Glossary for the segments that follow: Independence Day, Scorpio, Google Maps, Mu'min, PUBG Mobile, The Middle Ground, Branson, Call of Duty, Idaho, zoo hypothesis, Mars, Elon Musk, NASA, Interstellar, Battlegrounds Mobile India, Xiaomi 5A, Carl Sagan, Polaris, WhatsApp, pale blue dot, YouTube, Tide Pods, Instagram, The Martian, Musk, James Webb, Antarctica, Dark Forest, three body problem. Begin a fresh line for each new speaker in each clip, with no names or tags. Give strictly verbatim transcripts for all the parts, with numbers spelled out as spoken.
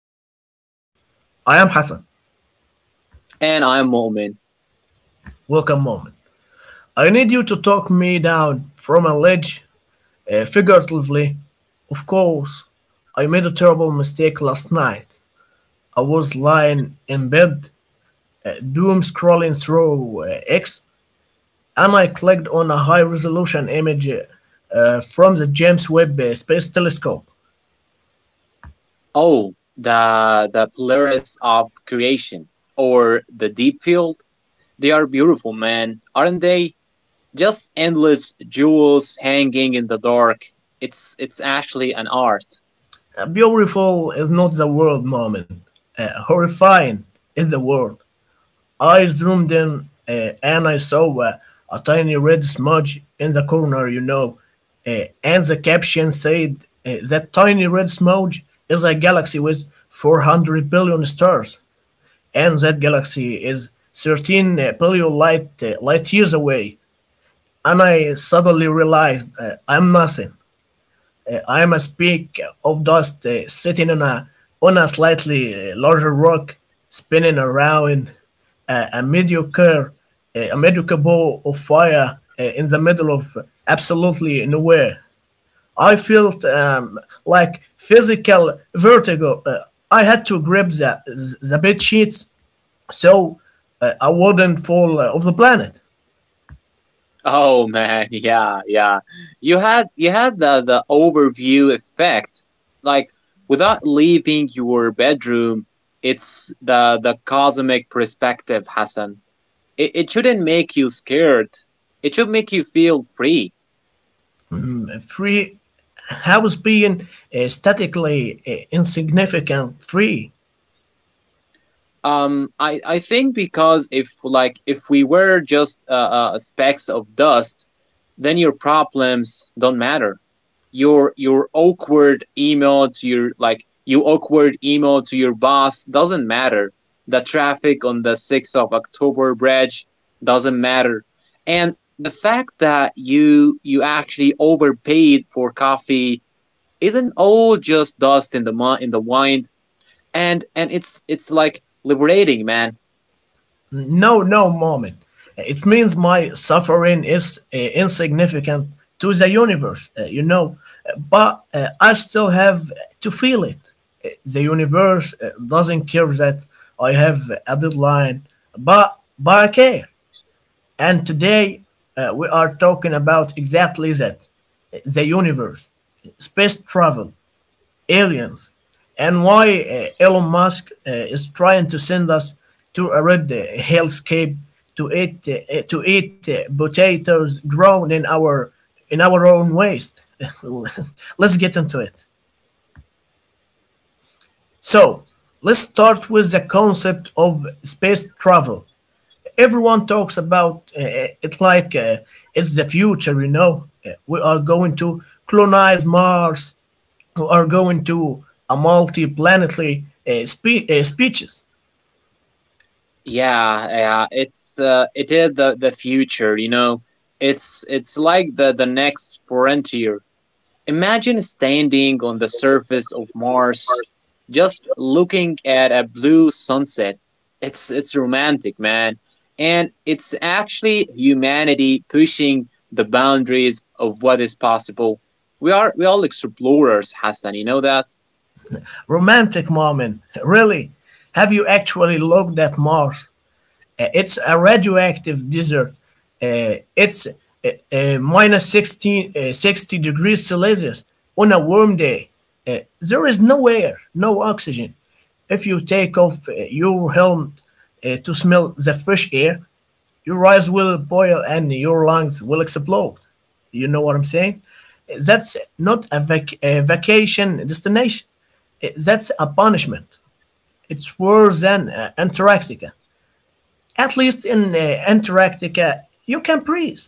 The Middle Ground. I am Hassan.
And I'm Mu'min.
Welcome, moment. I need you to talk me down from a ledge, uh, figuratively. Of course, I made a terrible mistake last night. I was lying in bed, uh, doom scrolling through uh, X, and I clicked on a high resolution image uh, uh, from the James Webb uh, Space Telescope.
Oh, the the Polaris of creation or the deep field. They are beautiful, man, aren't they? Just endless jewels hanging in the dark. It's it's actually an art.
Uh, beautiful is not the word, moment. Uh, horrifying is the word. I zoomed in uh, and I saw uh, a tiny red smudge in the corner, you know. Uh, and the caption said uh, that tiny red smudge is a galaxy with four hundred billion stars, and that galaxy is thirteen billion light, uh, light years away. And I suddenly realized uh, I'm nothing. Uh, I must speak of dust uh, sitting on a on a slightly uh, larger rock, spinning around uh, a mediocre uh, a mediocre ball of fire uh, in the middle of absolutely nowhere. I felt um, like physical vertigo. Uh, I had to grab the the bed sheets so uh, I wouldn't fall uh, off the planet.
Oh man, yeah, yeah. You had you had the the overview effect. Like without leaving your bedroom, it's the the cosmic perspective, Hassan. It, it shouldn't make you scared. It should make you feel free.
Free house being uh, statically uh, insignificant free.
Um i i think because if like if we were just uh, uh specks of dust, then your problems don't matter. Your your awkward email to your like you awkward email to your boss doesn't matter. The traffic on the sixth of october bridge doesn't matter, and the fact that you you actually overpaid for coffee isn't, all just dust in the in the wind. And and it's it's like liberating, man.
No, no, moment. It means my suffering is uh, insignificant to the universe, uh, you know, but uh, I still have to feel it. Uh, The universe uh, doesn't care that I have a deadline, but, but I care. And today uh, we are talking about exactly that: the universe, space travel, aliens, and why uh, Elon Musk uh, is trying to send us to a red uh, hellscape to eat uh, to eat uh, potatoes grown in our in our own waste. Let's get into it. So, let's start with the concept of space travel. Everyone talks about uh, it like uh, it's the future, you know. Uh, We are going to colonize Mars, who are going to a multi-planetary uh, spe- uh, speeches.
Yeah, yeah, it's uh, it is the the future, you know. It's it's like the the next frontier. Imagine standing on the surface of Mars, just looking at a blue sunset. It's it's romantic, man. And it's actually humanity pushing the boundaries of what is possible. We are we all explorers, Hassan, you know that?
Romantic moment, really. Have you actually looked at Mars? Uh, it's a radioactive desert. Uh, it's uh, uh, Minus sixteen, uh, sixty degrees Celsius on a warm day. Uh, there is no air, no oxygen. If you take off uh, your helmet uh, to smell the fresh air, your eyes will boil and your lungs will explode. You know what I'm saying? That's not a vac- a vacation destination. Eh, that's a punishment. It's worse than uh, Antarctica. At least in uh, Antarctica, you can breathe.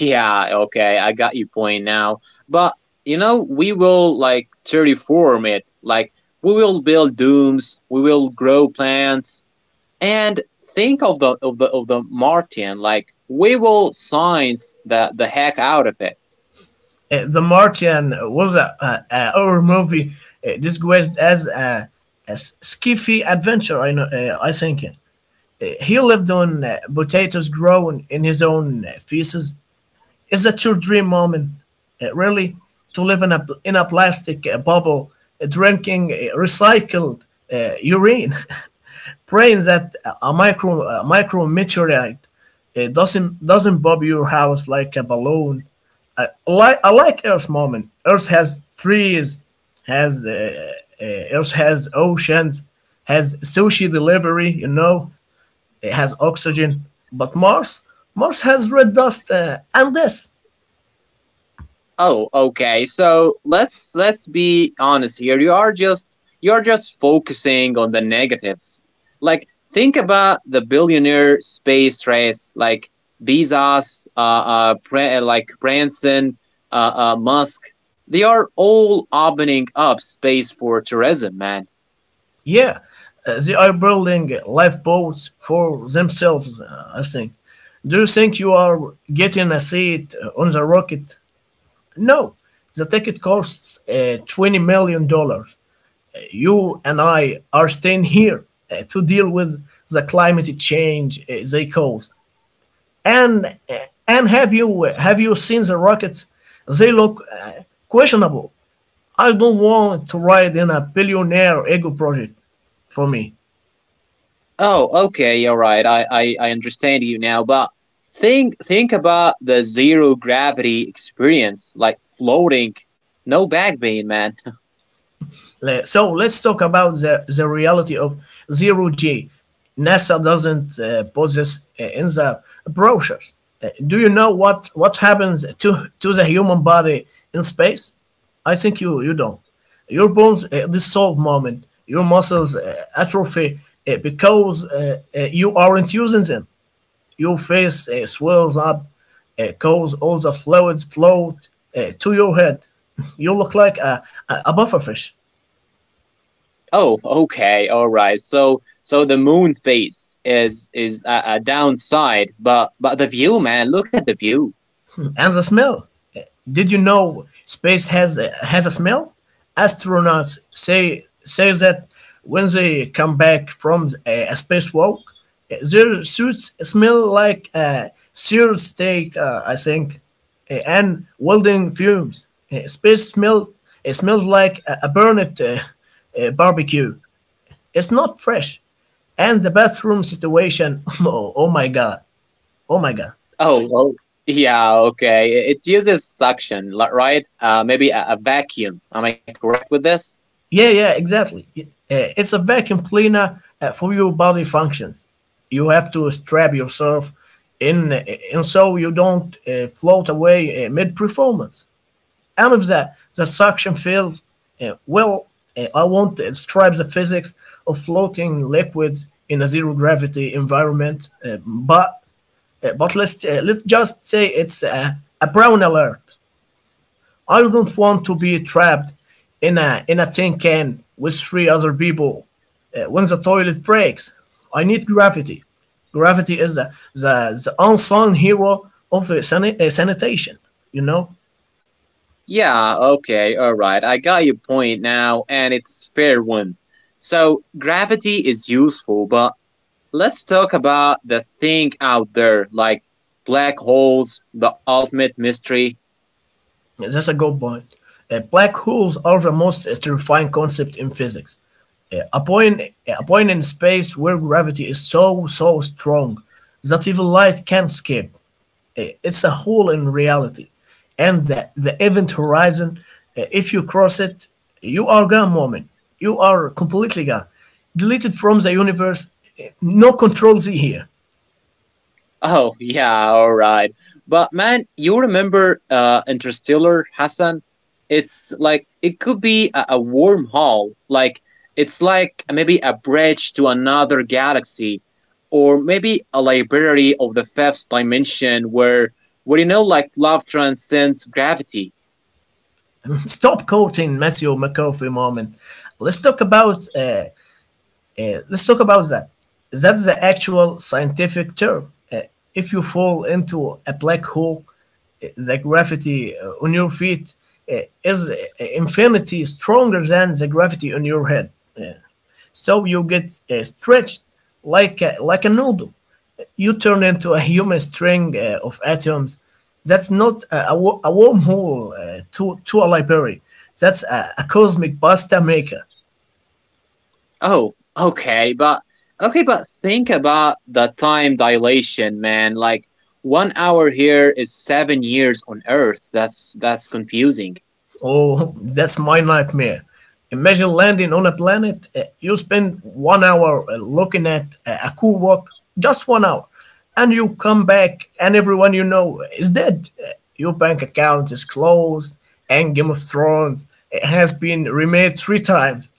Yeah, okay, I got your point now. But you know, we will like terraform it. Like we will build domes, we will grow plants, and think of the of the of the Martian, like we will science the the heck out of it.
Eh, the Martian was a, a, a horror movie uh, disguised as a, a s- skiffy adventure. I know. Uh, I think it. Eh, he lived on uh, potatoes grown in his own uh, feces. Is that your dream, moment? Uh, really? To live in a, in a plastic uh, bubble, uh, drinking uh, recycled uh, urine, praying that uh, a micro a micro meteorite uh, doesn't doesn't bob your house like a balloon. I, I like I like Earth, moment. Earth has trees, has uh, uh, Earth has oceans, has sushi delivery. You know, it has oxygen. But Mars, Mars has red dust uh, and this.
Oh, okay. So let's let's be honest here. You are just you're just focusing on the negatives. Like think about the billionaire space race, like Bezos, uh, uh, Bra- uh, like Branson, uh, uh, Musk. They are all opening up space for tourism, man.
Yeah, uh, they are building lifeboats for themselves, uh, I think. Do you think you are getting a seat uh, on the rocket? No, the ticket costs uh, twenty million dollars. Dollars. You and I are staying here uh, to deal with the climate change uh, they caused. And uh, and have you have you seen the rockets? They look uh, questionable. I don't want to ride in a billionaire ego project for me.
Oh, okay, all right. I, I I understand you now, but think think about the zero gravity experience, like floating, no back pain, man.
So let's talk about the, the reality of zero G. NASA doesn't uh, possess uh, in the brochures. Uh, do you know what, what happens to, to the human body in space? I think you, you don't. Your bones uh, dissolve, moment, your muscles uh, atrophy uh, because uh, uh, you aren't using them. Your face uh, swells up, uh, cause all the fluids flow uh, to your head. You look like a, a, a buffer fish.
Oh, okay, all right. So so the moon phase is is a, a downside, but but the view, man. Look at the view.
And the smell. Did you know space has has a smell? Astronauts say say that when they come back from a, a spacewalk, their suits smell like uh, seared steak. Uh, I think, uh, and welding fumes. Uh, space smell. It smells like a, a burned uh, uh, barbecue. It's not fresh. And the bathroom situation. Oh, oh my god. Oh my god.
Oh, well, yeah, okay. It it uses suction, li- right? Uh, maybe a, a vacuum. Am I correct with this?
Yeah, yeah, exactly. uh, It's a vacuum cleaner uh, for your body functions. You have to strap yourself in, uh, and so you don't uh, float away uh, mid-performance. And if the, the suction fails, uh, well, uh, I won't describe the physics of floating liquids in a zero gravity environment, uh, but uh, but let's uh, let's just say it's a, a brown alert. I don't want to be trapped in a in a tin can with three other people uh, when the toilet breaks. I need gravity. Gravity is the the, the unsung hero of uh, sani- uh, sanitation. You know,
Yeah, okay, all right. I got your point now, and it's fair one. So gravity is useful, but let's talk about the thing out there, like black holes, the ultimate mystery.
that's a good point. Uh, black holes are the most uh, terrifying concept in physics. Uh, a point a point in space where gravity is so so strong that even light can't escape. Uh, it's a hole in reality, and the, the event horizon, uh, if you cross it, you are gone, moment. You are completely gone, deleted from the universe. Uh, no control z here.
Oh, yeah, all right. But man, you remember uh, Interstellar, Hassan? It's like it could be a, a wormhole. Like it's like maybe a bridge to another galaxy, or maybe a library of the fifth dimension where, where you know, like love transcends gravity.
Stop quoting Matthew McCoffey, moment. let's talk about uh, Uh, let's talk about that. That's the actual scientific term. Uh, if you fall into a black hole, uh, the gravity uh, on your feet uh, is uh, infinity stronger than the gravity on your head. Yeah. So you get uh, stretched like a, like a noodle. You turn into a human string uh, of atoms. That's not a, a wo- a wormhole uh, to, to a library. That's a, a cosmic pasta maker.
Oh, okay, but okay, but think about the time dilation, man. Like one hour here is seven years on Earth. That's that's confusing.
Oh, that's my nightmare. Imagine landing on a planet, uh, you spend one hour uh, looking at a a cool rock, just one hour, and you come back and everyone you know is dead. Uh, Your bank account is closed, and Game of Thrones uh, has been remade three times.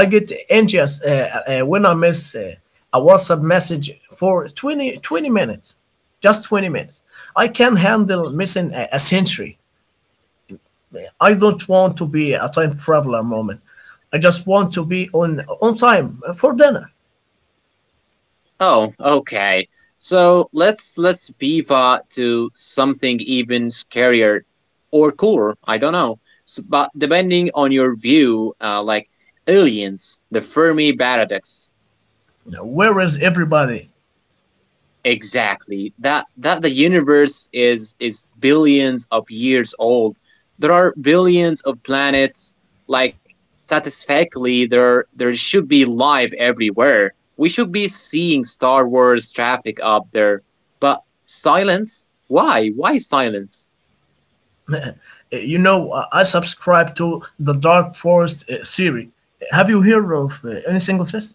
I get anxious uh, uh, when I miss uh, a WhatsApp message for twenty twenty minutes. Just twenty minutes. I can handle missing a, a century. I don't want to be a time traveler, moment. I just want to be on on time for dinner.
Oh, okay. So let's let's pivot to something even scarier or cooler. I don't know. S but depending on your view, uh, like aliens, the Fermi paradox.
Where is everybody?
Exactly. That that the universe is is billions of years old. There are billions of planets. Like satisfactorily, there there should be life everywhere. We should be seeing Star Wars traffic up there. But silence? Why? Why silence?
Uh, You know, uh, I subscribe to the Dark Forest uh, theory. Have you heard of uh, anything of this?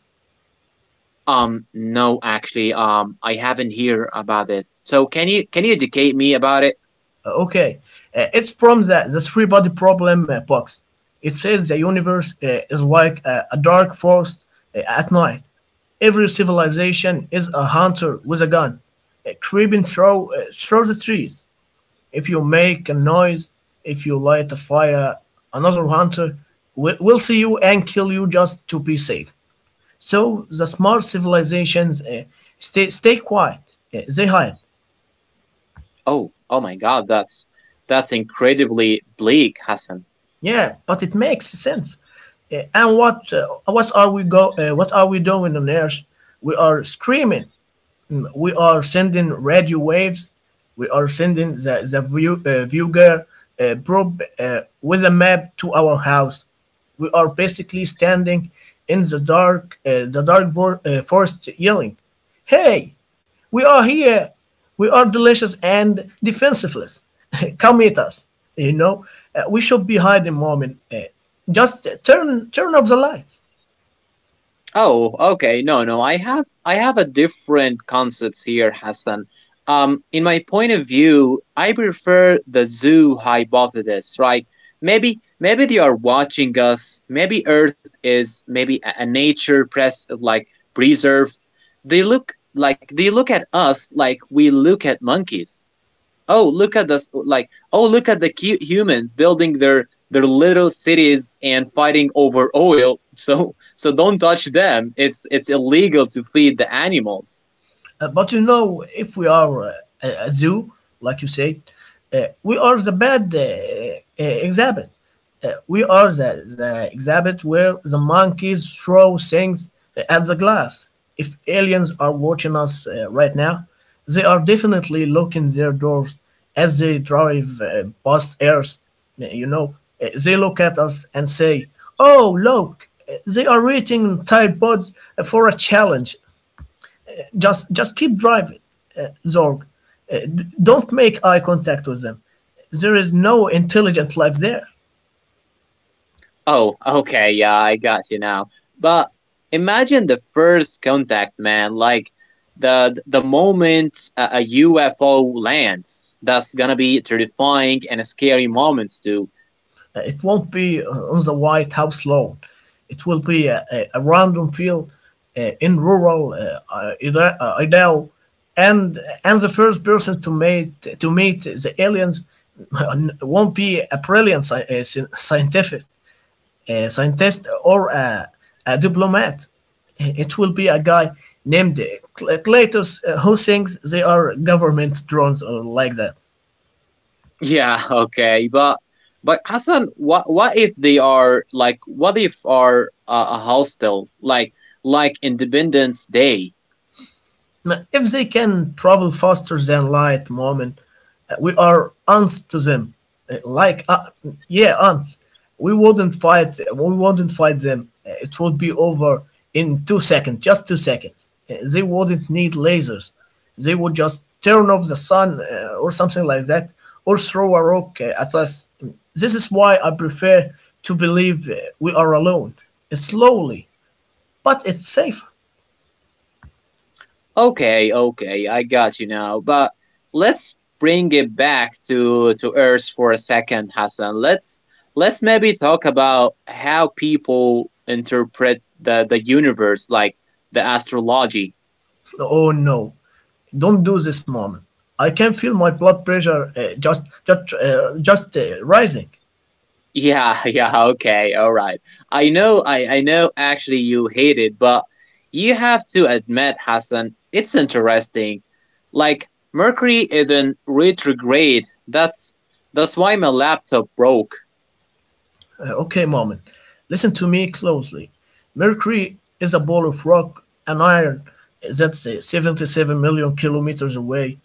Um, no, actually, um, I haven't heard about it. So can you can you educate me about it?
Uh, okay, Uh, it's from the the three body problem uh, box. It says the universe uh, is like a, a dark forest uh, at night. Every civilization is a hunter with a gun, uh, creeping through uh, through the trees. If you make a noise, if you light a fire, another hunter will, will see you and kill you just to be safe. So the smart civilizations uh, stay stay quiet. Uh, they hide.
Oh, oh my God, that's that's incredibly bleak, Hassan.
Yeah, but it makes sense. Uh, and what uh, What are we go? Uh, what are we doing on Earth? We are screaming. Mm, we are sending radio waves. We are sending the, the view, uh, viewer uh, probe uh, with a map to our house. We are basically standing in the dark uh, the dark vor- uh, forest yelling, hey, we are here, we are delicious and defenseless, come meet us, you know. Uh, we should be hiding, moment, uh, just turn turn off the lights.
Oh, okay. No, no. I have I have a different concepts here, Hassan. Um, in my point of view, I prefer the zoo hypothesis, right? Maybe maybe they are watching us. Maybe Earth is maybe a, a nature press like preserve. They look like they look at us like we look at monkeys. Oh, look at this, like oh, look at the cute humans building their their little cities and fighting over oil. So so don't touch them. It's it's illegal to feed the animals.
Uh, but you know, if we are uh, a a zoo, like you say, uh, we are the bad uh, uh, exhibit. Uh, we are the, the exhibit where the monkeys throw things uh, at the glass. If aliens are watching us uh, right now, they are definitely locking their doors as they drive uh, past Earth. Uh, You know, Uh, they look at us and say, "Oh, look, uh, they are rating Tide Pods for a challenge." Just just keep driving, uh, Zorg. Uh, d- don't make eye contact with them. There is no intelligent life there.
Oh, okay, yeah, I got you now. But imagine the first contact, man, like the the moment a, ufo lands, that's gonna be terrifying, and a scary moments too.
Uh, it won't be uh, on the White House lawn. It will be a, a, a random field uh, in rural uh, I- Ida- uh, Idaho, and and the first person to meet to meet the aliens won't be a brilliant sci- uh, sci- scientific. A scientist, or a, a diplomat. It will be a guy named Cl- Cletus uh, who thinks they are government drones or like that.
Yeah, okay, but but Hassan, what what if they are like what if are uh, a hostel like like Independence Day?
If they can travel faster than light, Mu'min, uh, we are ants to them. Uh, Like, uh, yeah, ants. We wouldn't fight. uh, We wouldn't fight them. Uh, It would be over in two seconds, just two seconds. Uh, They wouldn't need lasers. They would just turn off the sun uh, or something like that, or throw a rock uh, at us. This is why I prefer to believe uh, we are alone, slowly, but it's safer.
Okay, okay, I got you now. But let's bring it back to to Earth for a second, Hassan. Let's let's maybe talk about how people interpret the the universe, like the astrology.
Oh no, don't do this, mom. I can feel my blood pressure uh, just just uh, just uh, rising.
Yeah, yeah, okay, all right. I know, I, I know actually you hate it, but you have to admit, Hassan, it's interesting. Like, Mercury isn't retrograde. That's that's why my laptop broke.
Uh, okay, mom, listen to me closely. Mercury is a ball of rock and iron that's uh, seventy-seven million kilometers away.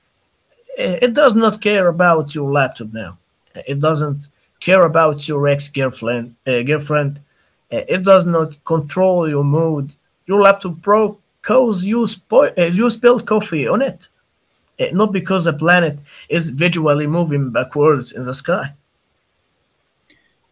Uh, It does not care about your laptop now. Uh, It doesn't care about your ex-girlfriend. Uh, girlfriend. Uh, It does not control your mood. Your laptop broke because you, spo- uh, you spilled coffee on it. Eh, not because the planet is visually moving backwards in the sky.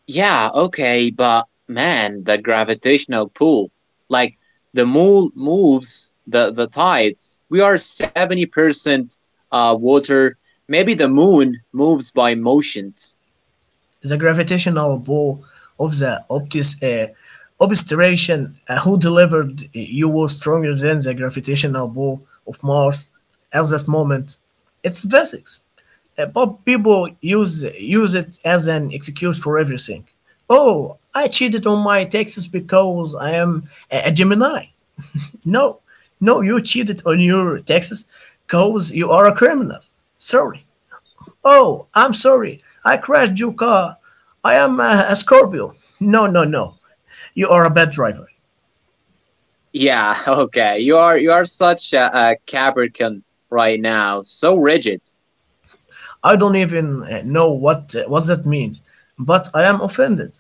Yeah, okay, but man, the gravitational pull. Like, the moon moves the, the tides. We are seventy percent uh, water. Maybe the moon moves by motions.
The gravitational pull of the optis, uh, obscuration uh, who delivered you was stronger than the gravitational pull of Mars at that moment. It's physics, Uh, but people use use it as an excuse for everything. Oh, I cheated on my taxes because I am a a Gemini. No, no, you cheated on your taxes because you are a criminal. Sorry. Oh, I'm sorry. I crashed your car. I am a, a Scorpio. No, no, no. You are a bad driver.
Yeah, okay. You are you are such a, a Capricorn right now. So rigid.
I don't even uh, know what uh, what that means, but I am offended.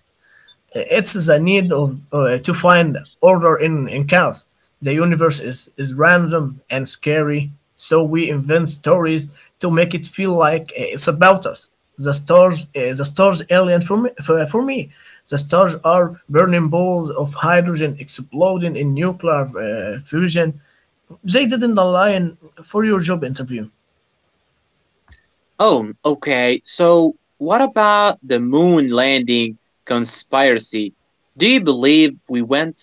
It's the need of uh, to find order in, in chaos. The universe is, is random and scary, so we invent stories to make it feel like uh, it's about us. The stars, uh, the stars, alien for me, for, for me. The stars are burning balls of hydrogen exploding in nuclear uh, fusion. They didn't align for your job interview.
Oh, okay. So what about the moon landing conspiracy? Do you believe we went?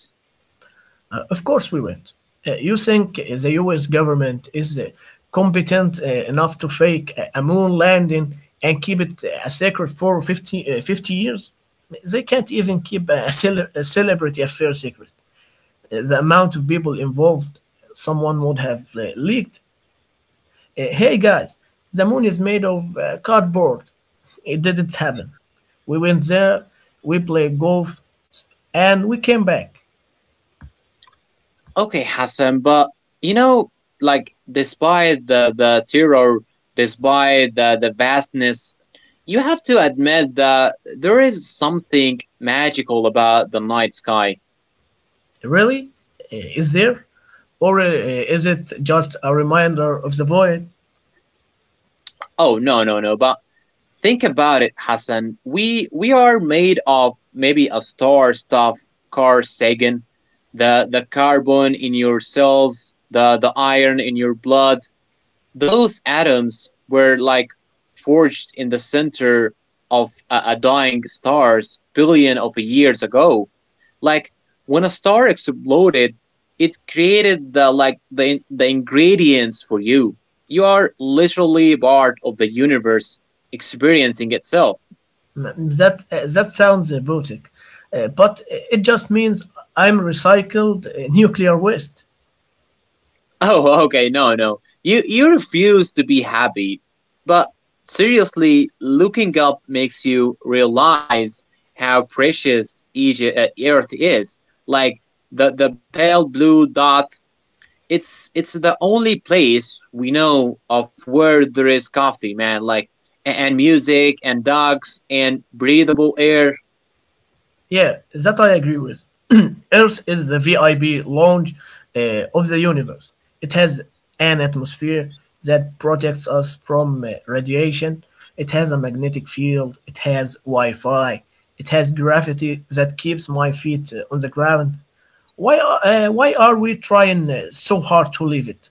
Uh, of course we went. Uh, you think the U S government is uh, competent uh, enough to fake a a moon landing and keep it a secret for fifty, uh, fifty years? They can't even keep a, cele- a celebrity affair secret. Uh, The amount of people involved, someone would have uh, leaked. Uh, hey guys, the moon is made of uh, cardboard. It didn't happen. We went there, we played golf, and we came back.
Okay, Hassan, but you know, like despite the the terror, despite the the vastness, you have to admit that there is something magical about the night sky.
Really? Is there? Or uh, uh, is it just a reminder of the void?
Oh no, no, no! But think about it, Hassan. We we are made of maybe a star stuff, Carl Sagan, the the carbon in your cells, the the iron in your blood, those atoms were like forged in the center of a, a dying stars billion of years ago, like when a star exploded, it created the like the, the ingredients for you. You are literally part of the universe experiencing itself.
That, uh, that sounds uh, boutique, uh, but it just means I'm recycled uh, nuclear waste.
Oh, okay, no, no. You you refuse to be happy. But seriously, looking up makes you realize how precious each uh, earth is. Like the the pale blue dot, it's it's the only place we know of where there is coffee, man, like a- and music and dogs and breathable air.
Yeah, that I agree with. Earth is the V I P lounge uh, of the universe. It has an atmosphere that protects us from uh, radiation. It has a magnetic field. It has Wi Fi. It has gravity that keeps my feet uh, on the ground. Why are- uh, why are we trying uh, so hard to leave it?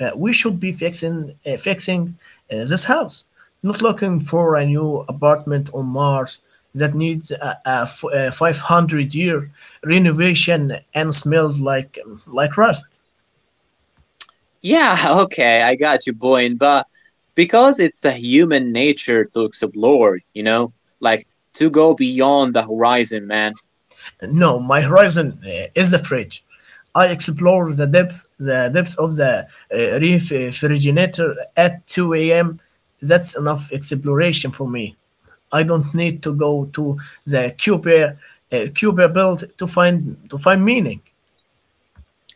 Uh, we should be fixing uh, fixing uh, this house, not looking for a new apartment on Mars that needs a, a f- a five hundred year renovation and smells like um, like rust.
Yeah, okay, I got your point, but because it's a human nature to explore, you know, like to go beyond the horizon, man.
No, my horizon uh, is the fridge. I explore the depth, the depth of the uh, refrigerator at two a m. That's enough exploration for me. I don't need to go to the cube, uh, Cuba belt to find to find meaning.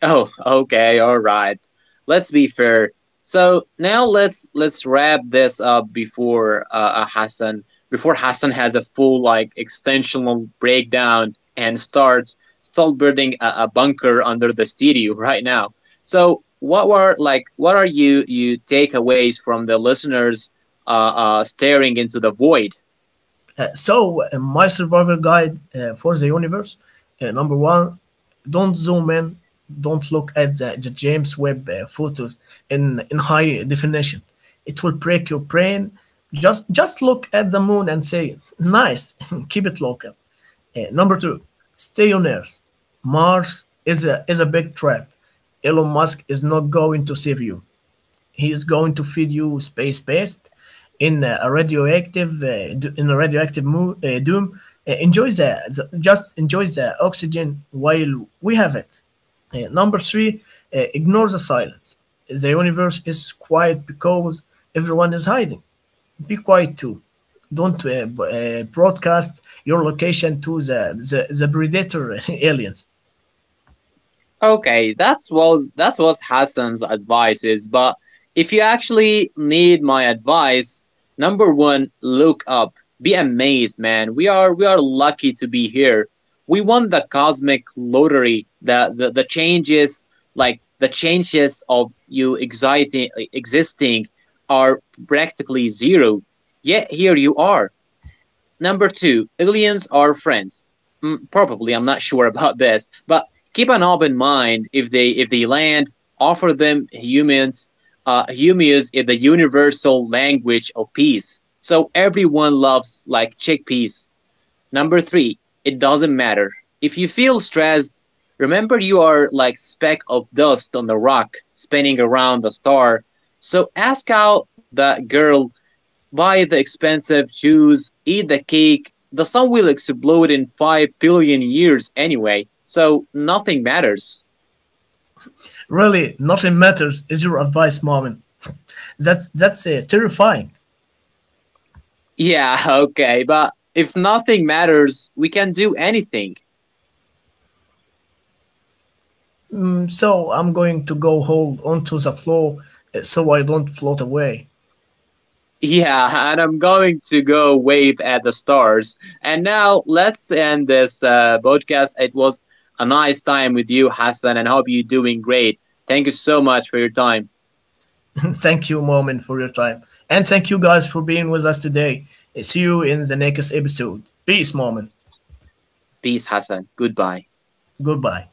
Oh, okay, all right. Let's be fair. So now let's let's wrap this up before uh, uh Hassan before Hassan has a full like extensional breakdown and starts start building a, a bunker under the studio. Right now. So what were like what are you you takeaways from the listeners uh, uh staring into the void?
Uh, so, uh, my survival guide uh, for the universe. Uh, number one, don't zoom in, don't look at the, the James Webb uh, photos in, in high definition. It will break your brain. Just, just look at the moon and say, nice. Keep it local. Uh, number two, stay on Earth. Mars is a, is a big trap. Elon Musk is not going to save you. He is going to feed you space pest in a radioactive uh, d- in a radioactive mo- uh, doom. Uh, enjoy the, the- just enjoy the oxygen while we have it. Uh, number three, uh, ignore the silence. The universe is quiet because everyone is hiding. Be quiet too. Don't uh, b- uh, broadcast your location to the, the, the predator aliens.
Okay, that's was that was Hassan's advice is, but if you actually need my advice, number one, look up. Be amazed, man. We are we are lucky to be here. We won the cosmic lottery. The the, the changes like the changes of you exciting, existing are practically zero. Yet here you are. Number two, aliens are friends. Mm, probably, I'm not sure about this, but keep an open mind if they if they land. Offer them humans. Uh, humus is the universal language of peace, so everyone loves like chickpeas. Number three, it doesn't matter if you feel stressed. Remember, you are like speck of dust on the rock, spinning around the star. So ask out that girl. Buy the expensive shoes, eat the cake. The sun will explode in five billion years anyway, so nothing matters.
Really, nothing matters is your advice, mom. That's, that's uh, terrifying.
Yeah, okay, but if nothing matters, we can do anything.
So I'm going to go hold onto the floor uh, so I don't float away.
Yeah, and I'm going to go wave at the stars. And now let's end this uh, podcast. It was a nice time with you, Hassan, and hope you're doing great. Thank you so much for your time.
Thank you, Moment, for your time. And thank you guys for being with us today. Uh, See you in the next episode. Peace, Moment.
Peace, Hassan. Goodbye.
Goodbye.